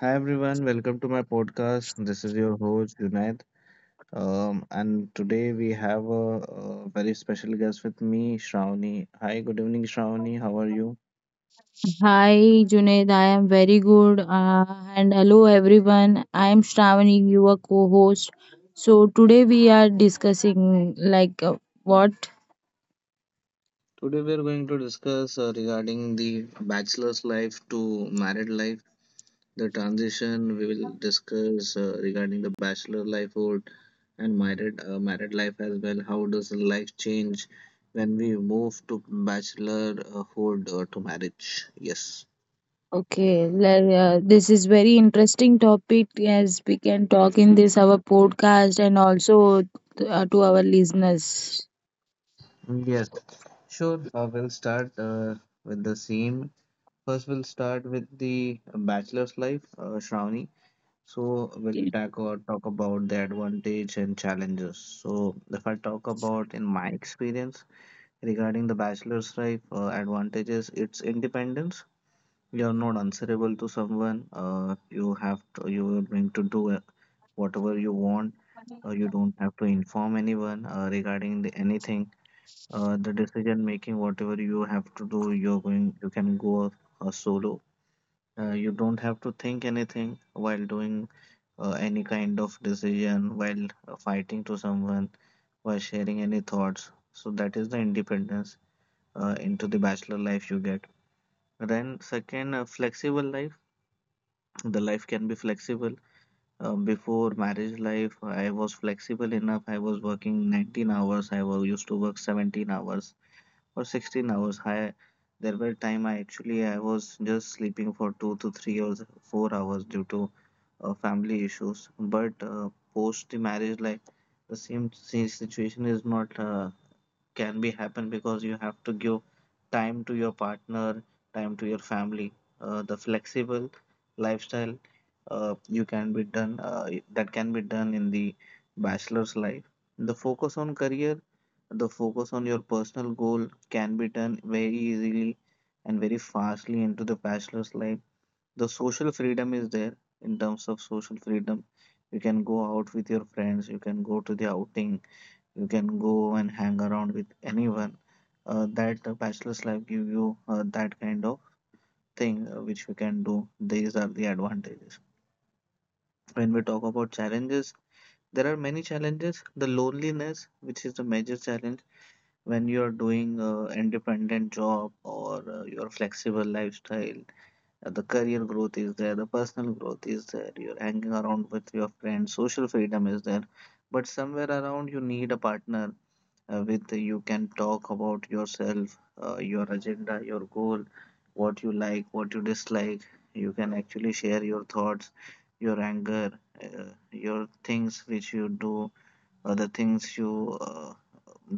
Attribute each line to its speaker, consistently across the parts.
Speaker 1: Hi everyone, welcome to my podcast. This is your host Junaid, and today we have a very special guest with me, Shravani. Hi, good evening, Shravani. How are you?
Speaker 2: Hi Junaid, I am very good. And hello everyone. I am Shravani, your co-host. So today we are discussing like what?
Speaker 1: Today we are going to discuss regarding the bachelor's life to married life, the transition. We will discuss regarding the bachelor lifehood and married married life as well. How does life change when we move to bachelorhood or to marriage? Yes.
Speaker 2: Okay, this is very interesting topic as we can talk in this our podcast and also to our listeners.
Speaker 1: Yes, sure, we'll start with the same. First, we'll start with the bachelor's life, Shravani. So, we'll talk about the advantage and challenges. So, if I talk about in my experience regarding the bachelor's life, advantages, it's independence. You're not answerable to someone. You are going to do whatever you want. You don't have to inform anyone regarding the, anything the decision making whatever you have to do you're going you can go solo you don't have to think anything while doing any kind of decision while fighting to someone while sharing any thoughts, so that is the independence into the bachelor life you get. Then second, flexible life, the life can be flexible. Before marriage life, I was flexible enough. I was working 19 hours, I was used to work 17 hours or 16 hours. I there were time I actually I was just sleeping for 2 to 3 or 4 hours due to family issues. But post the marriage, like the same situation is not can be happen, because you have to give time to your partner, time to your family. The flexible lifestyle you can be done that can be done in the bachelor's life. The focus on career, the focus on your personal goal can be turned very easily and very fastly into the bachelor's life. The social freedom is there. In terms of social freedom, you can go out with your friends, you can go to the outing, you can go and hang around with anyone. That bachelor's life give you that kind of thing which we can do. These are the advantages. When we talk about challenges, there are many challenges. The loneliness, which is the major challenge. When you're doing a independent job or your flexible lifestyle, the career growth is there, the personal growth is there, you're hanging around with your friends, social freedom is there, but somewhere around you need a partner with you can talk about yourself, your agenda, your goal, what you like, what you dislike. You can actually share your thoughts, your anger, your things which you do, uh, the things you uh,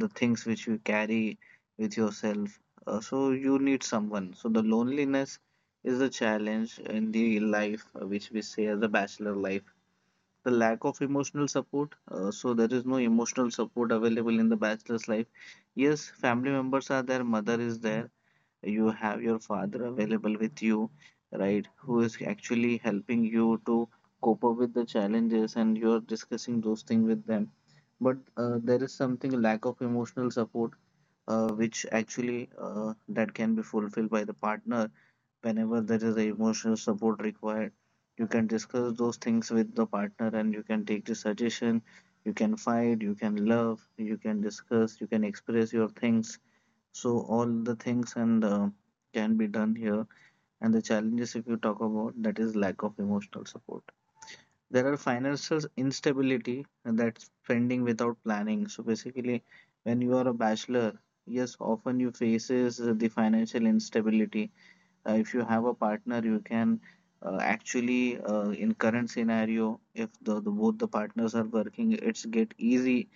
Speaker 1: the things which you carry with yourself, so you need someone. So the loneliness is the challenge in the life which we say as a bachelor life. The lack of emotional support, so there is no emotional support available in the bachelor's life. Yes, family members are there, mother is there, you have your father available with you, right, who is actually helping you to cope up with the challenges, and you're discussing those things with them, but there is something lack of emotional support which actually that can be fulfilled by the partner. Whenever there is a emotional support required, you can discuss those things with the partner, and you can take the suggestion, you can fight, you can love, you can discuss, you can express your things, so all the things and can be done here. And the challenges, if you talk about, that is lack of emotional support. There are financial instability and that's spending without planning. So basically, when you are a bachelor, yes, often you faces the financial instability. If you have a partner, you can actually, in current scenario, if the both the partners are working, it's get easy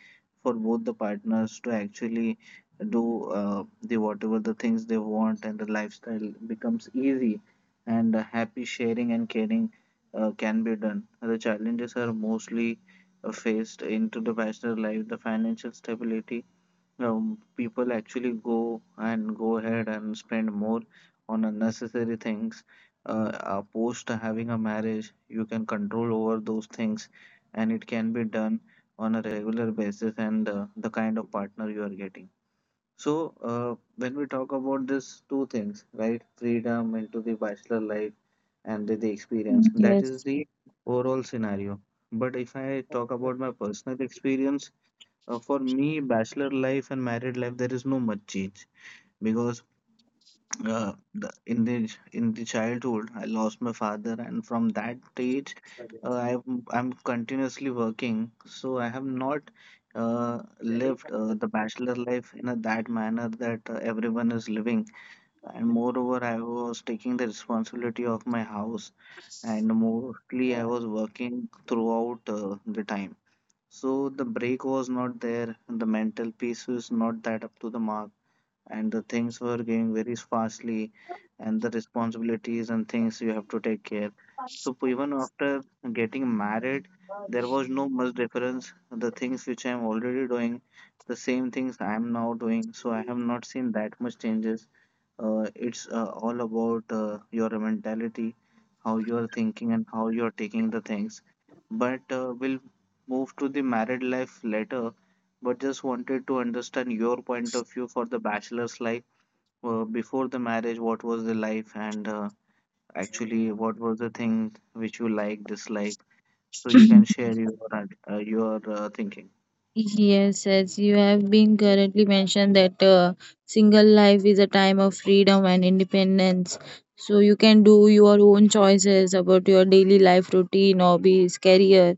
Speaker 1: for both the partners to actually do the whatever the things they want, and the lifestyle becomes easy, and happy sharing and caring can be done. The challenges are mostly faced into the bachelor life, the financial stability. People actually go and go ahead and spend more on unnecessary things. Post having a marriage, you can control over those things, and it can be done on a regular basis and the kind of partner you are getting. So, when we talk about these two things, right, freedom into the bachelor life and the experience, that is
Speaker 2: Yes.
Speaker 1: the overall scenario. But if I talk about my personal experience, for me, bachelor life and married life, there is no much change, because in the childhood, I lost my father, and from that age, I'm continuously working, so I have not lived the bachelor life in a, that manner that everyone is living. And moreover, I was taking the responsibility of my house, and mostly I was working throughout the time. So the break was not there, the mental piece was not that up to the mark, and the things were going very fastly, and the responsibilities and things you have to take care. So even after getting married, there was no much difference. The things which I am already doing, the same things I am now doing. So I have not seen that much changes. It's all about your mentality, how you are thinking, and how you are taking the things. But we'll move to the married life later. But just wanted to understand your point of view for the bachelor's life. Before the marriage, what was the life, and actually, what was the thing which you like, dislike? So you can share your thinking.
Speaker 2: Yes, as you have been currently mentioned that single life is a time of freedom and independence. So you can do your own choices about your daily life routine, hobbies, career,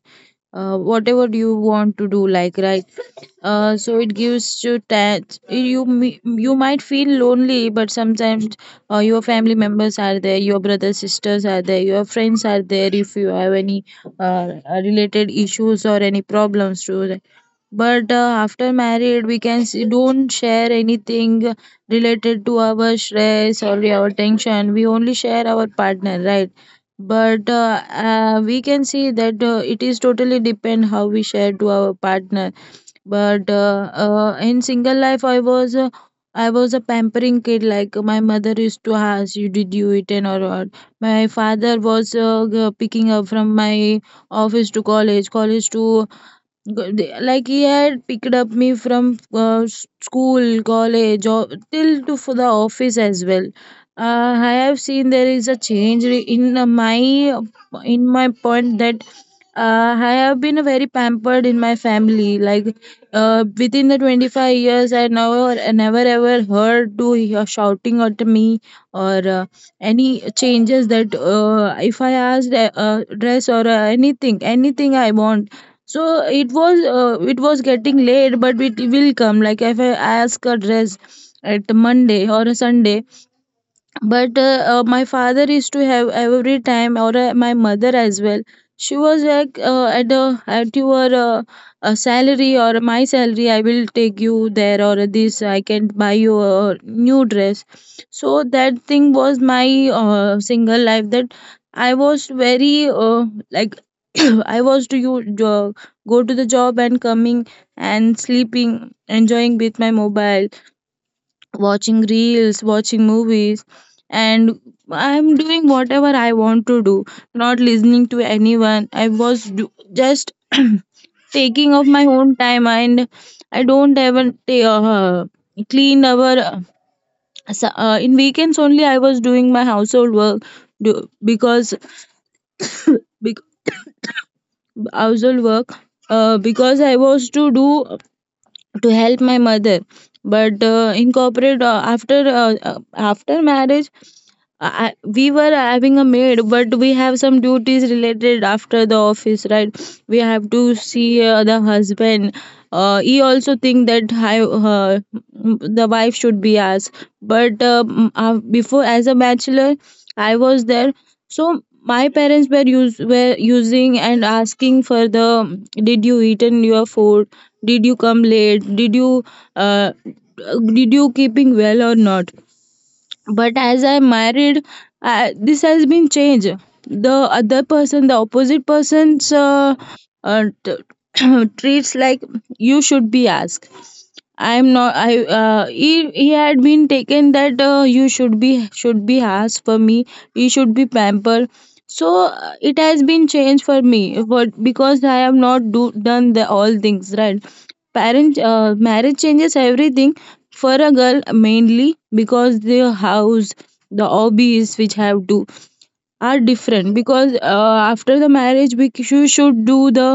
Speaker 2: whatever you want to do. Like right, so it gives you that you might feel lonely, but sometimes your family members are there, your brothers sisters are there, your friends are there. If you have any uh, related issues or any problems to but after married, we can see, don't share anything related to our stress or our tension. We only share our partner, right? But we can see that it is totally depend how we share to our partner but in single life I was a pampering kid like my mother used to ask you did you eat and or what my father was picking up from my office to college college to good day. Like he had picked up me from school, college, or till to for the office as well. I have seen there is a change in my point that I have been very pampered in my family. Like within the 25 years, I never ever heard to hear shouting at me or any changes that if I asked a dress or anything I want so it was getting late but it will come like if I ask a dress at monday or a sunday but my father used to have every time or my mother as well she was like at your salary or my salary I will take you there or this I can buy you a new dress so that thing was my single life that I was very like I was to you uh, go to the job and coming and sleeping enjoying with my mobile watching reels, watching movies, and I'm doing whatever I want to do, not listening to anyone. I was just taking of my own time, and I don't even clean our. In weekends only, I was doing my household work do, because bec- household work because I was to do to help my mother but in corporate after marriage we were having a maid but we have some duties related after the office right we have to see the husband he also think that the wife should be us but before as a bachelor I was there so my parents were use were using and asking for the did you eaten your food did you come late uh, did you keeping well or not but as I married this has been changed the other person the opposite person's treats like you should be asked I'm not I he had been taken that you should be asked for me you should be pampered so it has been changed for me but because I have not do, done the all things right parent marriage changes everything for a girl mainly because the house the hobbies which have to are different because after the marriage you should do the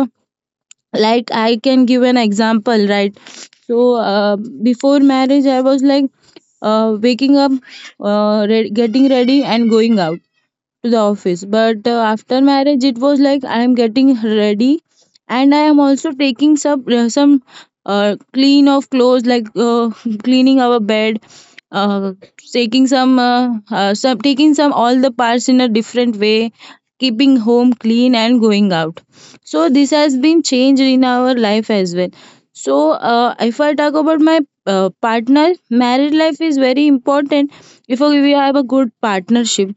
Speaker 2: like I can give an example right so uh, before marriage I was like waking up getting ready and going out to the office but after marriage it was like I am getting ready and I am also taking some clean of clothes like cleaning our bed uh, taking some taking some all the parts in a different way keeping home clean and going out so this has been changed in our life as well so if I talk about my partner married life is very important if we have a good partnership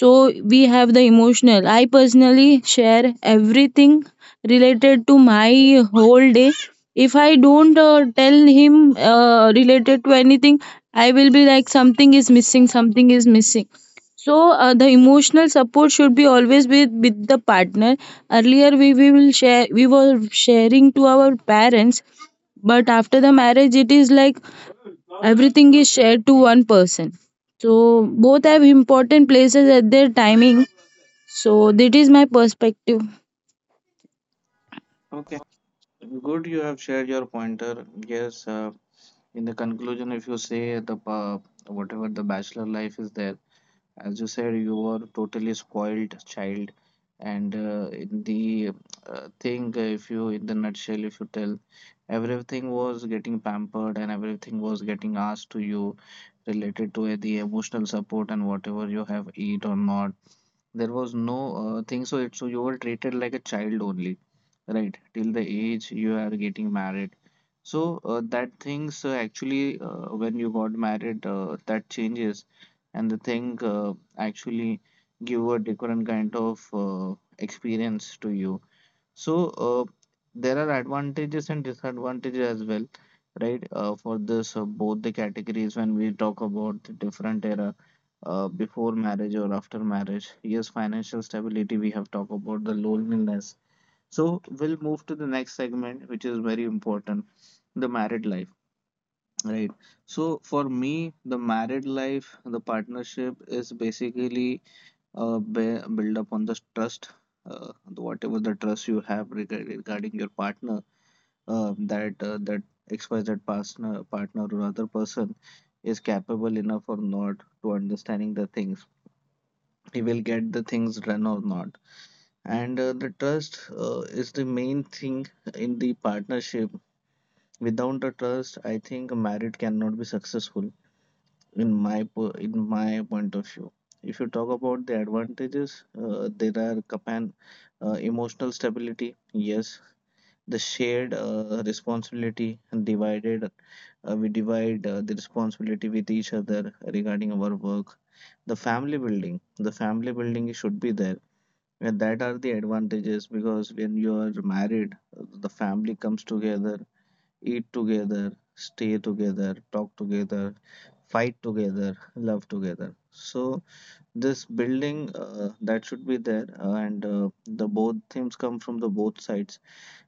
Speaker 2: so we have the emotional. I personally share everything related to my whole day. If I don't tell him related to anything, I will be like something is missing, something is missing. So the emotional support should be always with the partner. Earlier we will share we were sharing to our parents, but after the marriage it is like everything is shared to one person so both have important places at their timing so that is my perspective.
Speaker 1: Okay, good. You have shared your pointer. Yes, in the conclusion if you say the whatever the bachelor life is there, as you said, you were totally spoiled child, and in the thing, if you, in the nutshell, if you tell, everything was getting pampered and everything was getting asked to you related to the emotional support and whatever you have eat or not, there was no thing, so it's, so you were treated like a child only, right, till the age you are getting married. So that things actually when you got married, that changes and the thing actually give a different kind of experience to you. So uh, there are advantages and disadvantages as well, right, for this both the categories, when we talk about the different era, before marriage or after marriage. Yes, financial stability we have talked about, the loneliness, so we'll move to the next segment, which is very important, the married life, right? So for me, the married life, the partnership is basically be- build up on the trust, whatever the trust you have regarding your partner, that XYZ partner, or other person is capable enough or not to understanding the things. He will get the things done or not, and the trust is the main thing in the partnership. Without the trust, I think a marriage cannot be successful in my point of view. If you talk about the advantages, there are capan emotional stability, yes, the shared responsibility, and divided, we divide the responsibility with each other regarding our work, the family building. The family building should be there, yeah, that are the advantages, because when you are married, the family comes together, eat together, stay together, talk together, fight together, love together. So this building that should be there, and the both things come from the both sides.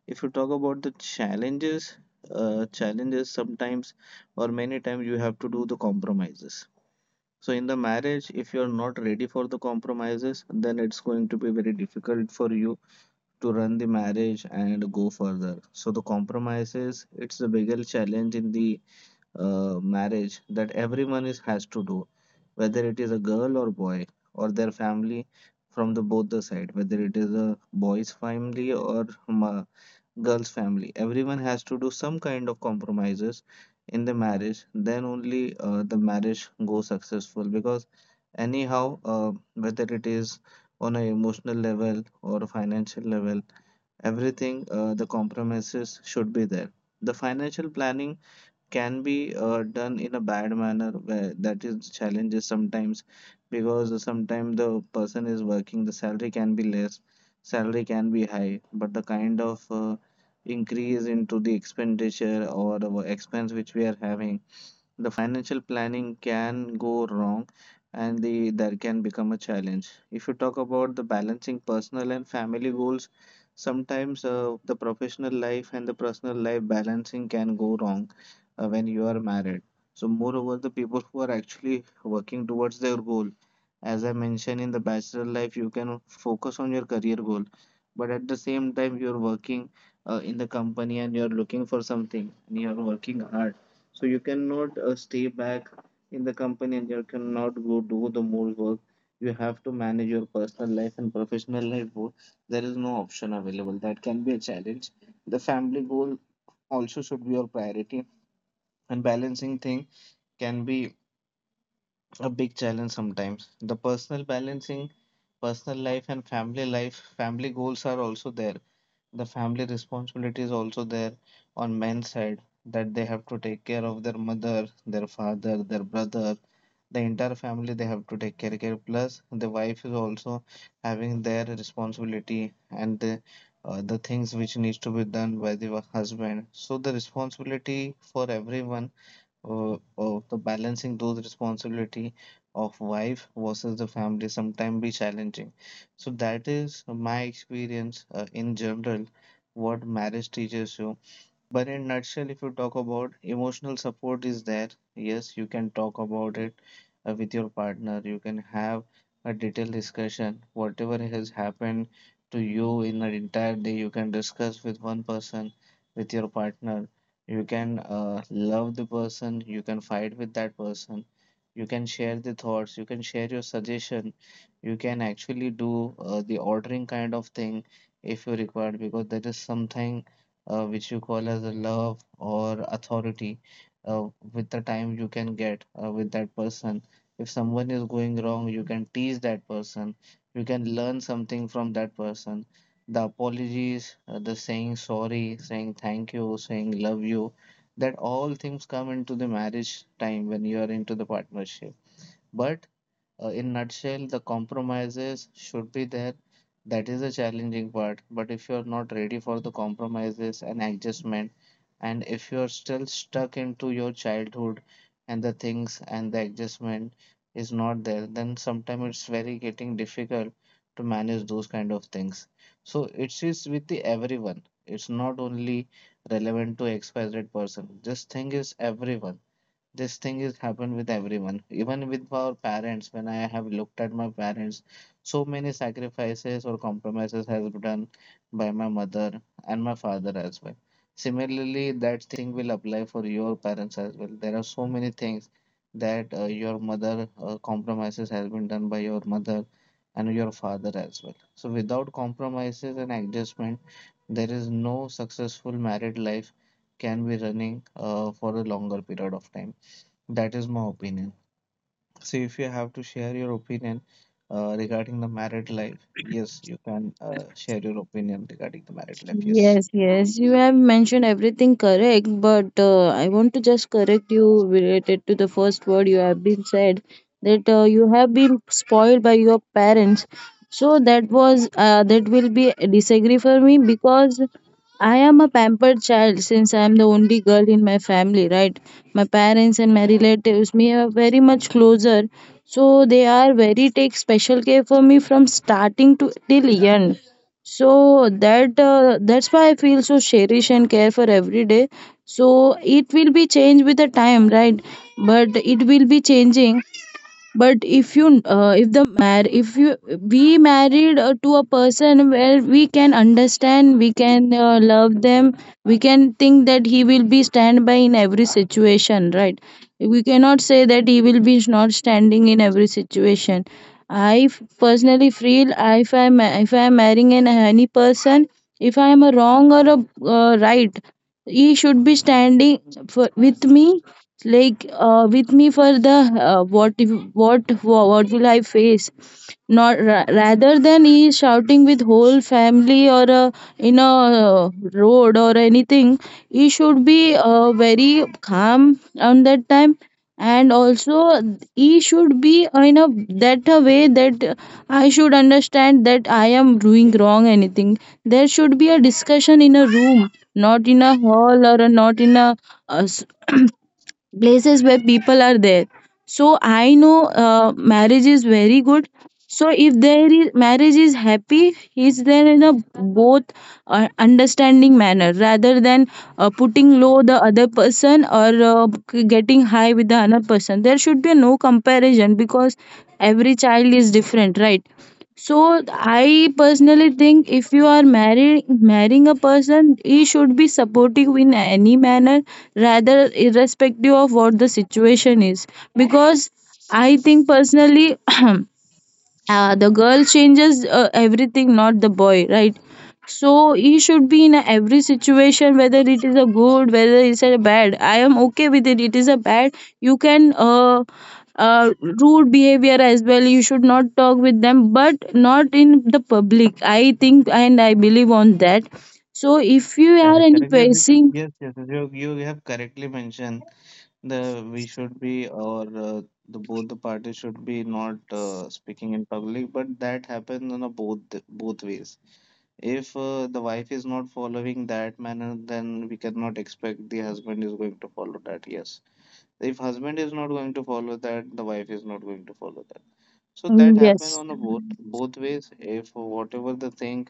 Speaker 1: If you talk about the challenges, challenges sometimes or many times you have to do the compromises. So in the marriage, if you are not ready for the compromises, then it's going to be very difficult for you to run the marriage and go further. So the compromises, it's the biggest challenge in the marriage that everyone is has to do, whether it is a girl or boy or their family from the both the side, whether it is a boy's family or girl's family. Everyone has to do some kind of compromises in the marriage. Then only the marriage goes successful because anyhow, whether it is on an emotional level or a financial level, everything, the compromises should be there. The financial planning can be done in a bad manner, where that is challenges sometimes, because sometimes the person is working, the salary can be less, salary can be high, but the kind of increase into the expenditure or the expense which we are having, the financial planning can go wrong and there can become a challenge. If you talk about the balancing personal and family goals, sometimes the professional life and the personal life balancing can go wrong when you are married. So moreover, the people who are actually working towards their goal, as I mentioned in the bachelor life, you can focus on your career goal, but at the same time, you're working in the company and you're looking for something and you're working hard, so you cannot stay back in the company and you cannot go do the more work. You have to manage your personal life and professional life both. There is no option available. That can be a challenge. The family goal also should be your priority, and balancing thing can be a big challenge sometimes. The personal balancing, personal life and family life, family goals are also there. The family responsibility is also there on men's side, that they have to take care of their mother, their father, their brother, the entire family. They have to take care plus the wife is also having their responsibility and the things which needs to be done by the husband. So the responsibility for everyone, of the balancing those responsibility of wife versus the family, sometimes be challenging. So that is my experience in general, what marriage teaches you. But in nutshell, if you talk about, emotional support is there, yes, you can talk about it with your partner. You can have a detailed discussion. Whatever has happened to you in an entire day, you can discuss with one person, with your partner. You can love the person. You can fight with that person. You can share the thoughts. You can share your suggestion. You can actually do the ordering kind of thing if you require, because that is something which you call as a love or authority uh, with the time you can get with that person. If someone is going wrong, you can tease that person. You can learn something from that person. The apologies, the saying sorry, saying thank you, saying love you, that all things come into the marriage time when you are into the partnership. But in nutshell, the compromises should be there. That is the challenging part. But if you're not ready for the compromises and adjustment, and if you're still stuck into your childhood and the things, and the adjustment is not there, then sometimes it's very getting difficult to manage those kind of things. So it is with the everyone, it's not only relevant to XYZ person. This thing is everyone, this thing is happened with everyone, even with our parents. When I have looked at my parents, so many sacrifices or compromises has been done by my mother and my father as well. Similarly, that thing will apply for your parents as well. There are so many things that your mother, compromises has been done by your mother and your father as well. So without compromises and adjustment, there is no successful married life can be running for a longer period of time. That is my opinion. So if you have to share your opinion regarding the married life, yes, you can share your opinion regarding the married life. Yes.
Speaker 2: Yes, yes, you have mentioned everything correct, but I want to just correct you related to the first word you have been said that you have been spoiled by your parents. So that was that will be a disagree for me because I am a pampered child since I am the only girl in my family, right? My parents and my relatives me are very much closer, so they are very take special care for me from starting to till end so that that's why I feel so cherish and care for every day so it will be changed with the time right but it will be changing but if you if the mar if you we married to a person where we can understand we can love them we can think that he will be stand by in every situation right we cannot say that he will be not standing in every situation personally feel if I am marrying an any person if I am a wrong or a right he should be standing for, with me like with me for the what if, what wha- what will I face not rather than he is shouting with whole family or in a road or anything he should be very calm on that time and also he should be in a that a way that I should understand that I am doing wrong anything there should be a discussion in a room not in a hall or a, not in a, a s- places where people are there so I know marriage is very good so if there is marriage is happy is there in a both understanding manner rather than putting low the other person or getting high with the other person there should be no comparison because every child is different right so I personally think if you are marrying a person he should be supportive in any manner rather irrespective of what the situation is because I think personally the girl changes everything not the boy right so he should be in every situation whether it is a good whether it's a bad I am okay with it it is a bad you can rude behavior as well you should not talk with them but not in the public I think and I believe on that so if you are
Speaker 1: Correct,
Speaker 2: any
Speaker 1: correct. Yes,
Speaker 2: facing
Speaker 1: yes, yes, yes, you have correctly mentioned, the we should be, or the both the parties should be not speaking in public, but that happens in a both ways. If the wife is not following that manner, then we cannot expect the husband is going to follow that. Yes. If husband is not going to follow that, the wife is not going to follow that. So
Speaker 2: mm,
Speaker 1: that happen
Speaker 2: yes.
Speaker 1: on a both ways. If whatever the thing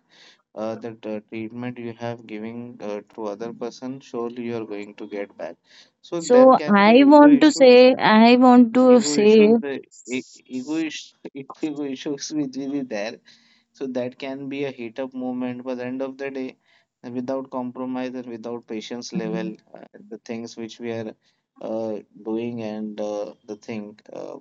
Speaker 1: that treatment you have giving to other person, surely you are going to get back. So there
Speaker 2: So
Speaker 1: can be
Speaker 2: I want to say, I want to
Speaker 1: ego
Speaker 2: say,
Speaker 1: issues, ego issues which will be there. So that can be a heat up movement, but at the end of the day, and without compromise and without patience level,
Speaker 2: um,
Speaker 1: the things which we are uh, doing, and the thing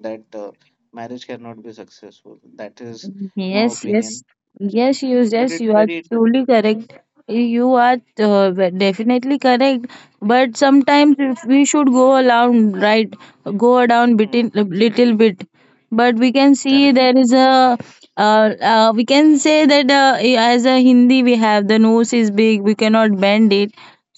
Speaker 1: that marriage cannot be successful. That is my
Speaker 2: yes, yes,
Speaker 1: opinion. But
Speaker 2: yes,
Speaker 1: it's
Speaker 2: you are
Speaker 1: very
Speaker 2: truly correct. You are definitely correct. But sometimes if we should go around, right? Go down
Speaker 1: Hmm,
Speaker 2: between little bit. But we can see
Speaker 1: correct, correct,
Speaker 2: there is a. Uh, we can say that as a Hindi we have the nose is big. We cannot bend it.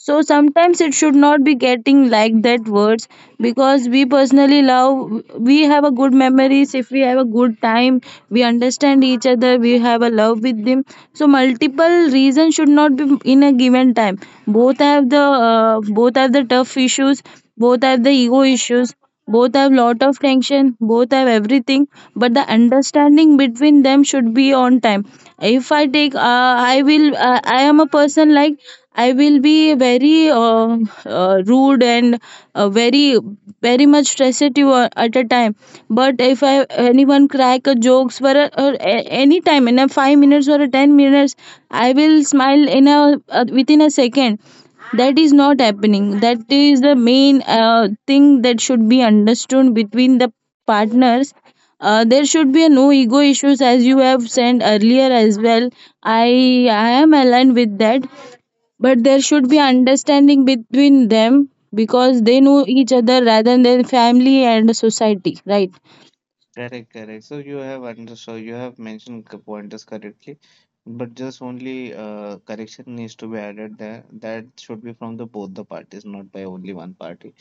Speaker 2: So sometimes it should not be getting like that words because we personally love, we have a good memories. If we have a good time, we understand each other, we have a love with them. So multiple reasons should not be in a given time. Both have the tough issues, both have the ego issues both have lot of tension both have everything but the understanding between them should be on time if I take I will I am a person like I will be very rude and very very much stressed at at a time but if anyone crack a jokes for a, or a, any time in a 5 minutes or a 10 minutes I will smile in a within a second that is not happening that is the main thing that should be understood between the partners there should be no ego issues as you have said earlier as well i I am aligned with that but there should be understanding between them because they know each other rather than family and society right.
Speaker 1: correct, correct. So you have understood. You have mentioned the pointers correctly, but just only correction needs to be added there. That should be from the both the parties, not by only one party.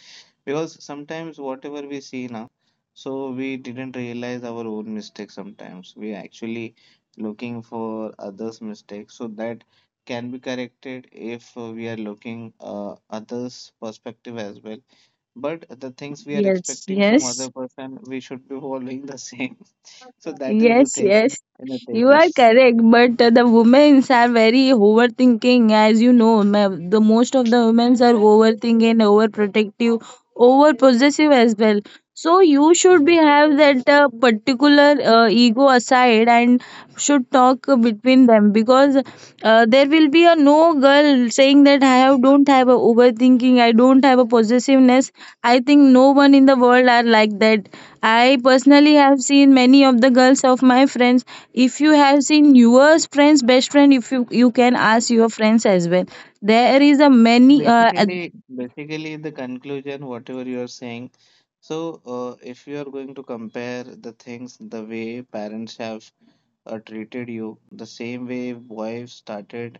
Speaker 1: Because sometimes whatever we see now, so we didn't realize our own mistake. Sometimes we actually looking for others mistakes, so that can be corrected if we are looking others perspective as well. But the things we are
Speaker 2: Yes,
Speaker 1: expecting from
Speaker 2: yes.
Speaker 1: other person, we should be following the same. So that is the
Speaker 2: Yes,
Speaker 1: thing
Speaker 2: yes,
Speaker 1: in the
Speaker 2: you are
Speaker 1: takers.
Speaker 2: correct. But the women's are very overthinking, as you know. The most of the women's are overthinking, overprotective, overpossessive as well. So you should be have that particular ego aside and should talk between them because there will be a no girl saying that I have don't have a overthinking, I don't have a possessiveness. I think no one in the world are like that. I personally have seen many of the girls of my friends. If you have seen your friends, best friend, if you can ask your friends as well. There is a
Speaker 1: So
Speaker 2: many.
Speaker 1: basically, in the conclusion, whatever you are saying. So if you are going to compare the things, the way parents have treated you, the same way wife started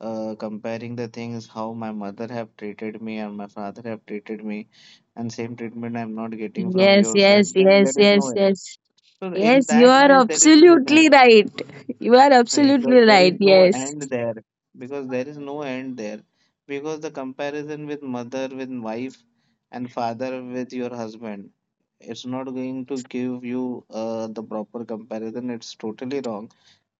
Speaker 1: comparing the things, how my mother have treated me and my father have treated me, and same treatment I'm not getting from
Speaker 2: Yes,
Speaker 1: your
Speaker 2: yes,
Speaker 1: side, then
Speaker 2: yes,
Speaker 1: there is no
Speaker 2: yes,
Speaker 1: end.
Speaker 2: yes,
Speaker 1: So in
Speaker 2: yes. You
Speaker 1: that
Speaker 2: are
Speaker 1: way, there is no end.
Speaker 2: absolutely right. You are
Speaker 1: Right.
Speaker 2: absolutely right. Yes.
Speaker 1: Because there is no end there. Because the comparison with mother, with wife, and father with your husband, it's not going to give you the proper comparison. It's totally wrong.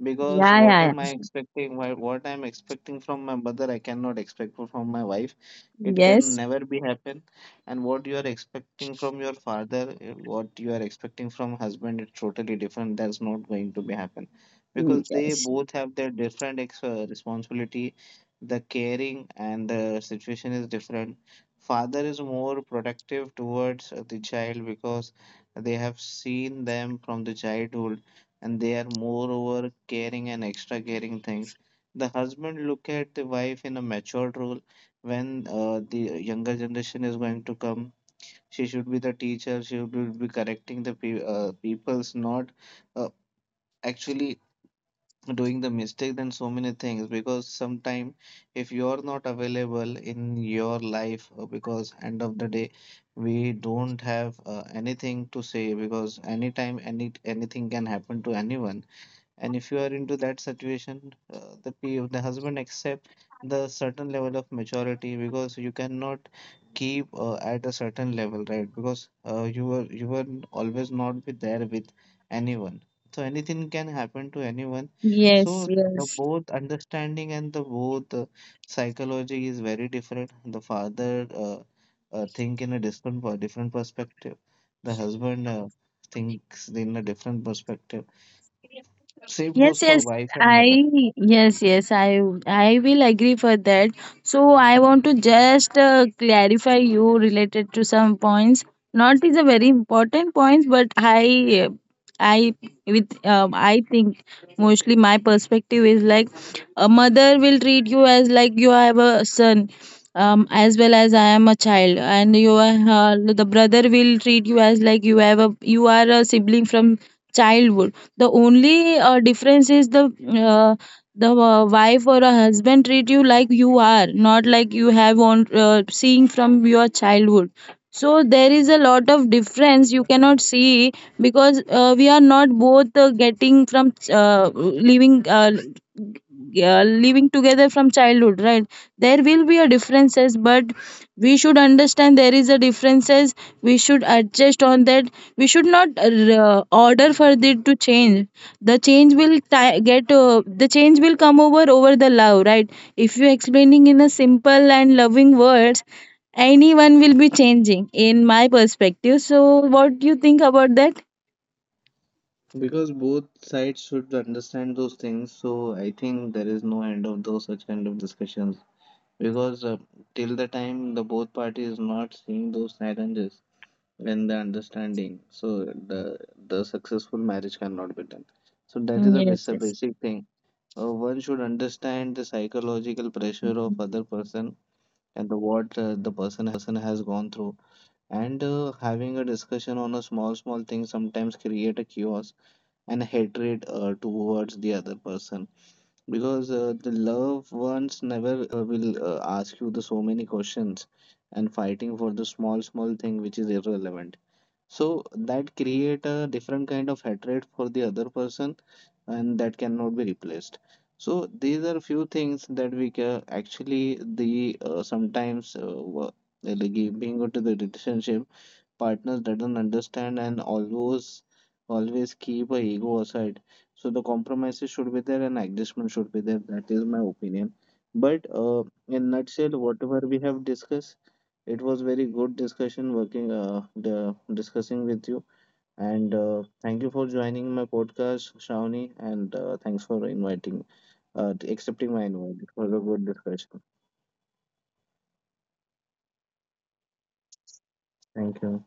Speaker 1: Because
Speaker 2: Yeah,
Speaker 1: what
Speaker 2: yeah,
Speaker 1: am I
Speaker 2: yeah.
Speaker 1: expecting? What I'm expecting from my mother, I cannot expect from my wife. It can
Speaker 2: Yes.
Speaker 1: never be happen. And what you are expecting from your father, what you are expecting from husband, it's totally different. That's not going to be happen,
Speaker 2: Mm,
Speaker 1: because they
Speaker 2: yes.
Speaker 1: both have their different responsibility. The caring and the situation is different. Father is more protective towards the child, because they have seen them from the childhood and they are moreover caring and extra caring things. The husband look at the wife in a matured role when the younger generation is going to come. She should be the teacher. She should be correcting the people's not uh, actually doing the mistake, than so many things. Because sometime if you're not available in your life because end of the day we don't have anything to say, because anytime any anything can happen to anyone, and if you are into that situation, the p the husband accept the certain level of maturity, because you cannot keep at a certain level, right? Because you were always not be there with anyone, so anything can happen to anyone.
Speaker 2: Yes.
Speaker 1: So the
Speaker 2: Yes.
Speaker 1: both understanding and the both psychology is very different. The father think in a different different perspective. The husband thinks in a different perspective. Same goes
Speaker 2: Yes,
Speaker 1: for
Speaker 2: yes,
Speaker 1: wife and mother.
Speaker 2: I yes, yes, I will agree for that. So I want to just clarify you related to some points. Not is a very important points, but I with I think mostly my perspective is like a mother will treat you as like you have a son. As well as I am a child, and you are the brother will treat you as like you have a you are a sibling from childhood. The only difference is uh, the wife or a husband treat you like you are, not like you have on seeing from your childhood. So there is a lot of difference you cannot see because we are not both getting from living living together from childhood right there will be a differences but we should understand there is a differences we should adjust on that we should not order for it to change the change will ti get the change will come over over the love right if you explaining in a simple and loving words anyone will be changing in my perspective so what do you think about that.
Speaker 1: Because both sides should understand those things, so I think there is no end of those such kind of discussions. Because till the time the both parties not seeing those challenges and the understanding, so the successful marriage cannot be done. So that is a
Speaker 2: Yes,
Speaker 1: basic thing. One should understand the psychological pressure of
Speaker 2: yes.
Speaker 1: other person and the what the person has gone through. And having a discussion on a small thing sometimes create a chaos and hatred towards the other person. Because the loved ones never will ask you the so many questions and fighting for the small thing which is irrelevant, so that create a different kind of hatred for the other person, and that cannot be replaced. So these are few things that we can actually the sometimes like being into the relationship partners that don't understand and always keep a ego aside. So the compromises should be there and adjustment should be there. That is my opinion. But in nutshell, whatever we have discussed, it was very good discussion working the, discussing with you. And thank you for joining my podcast, Shawnee, and thanks for inviting, accepting my invite. It was a good discussion. Thank you.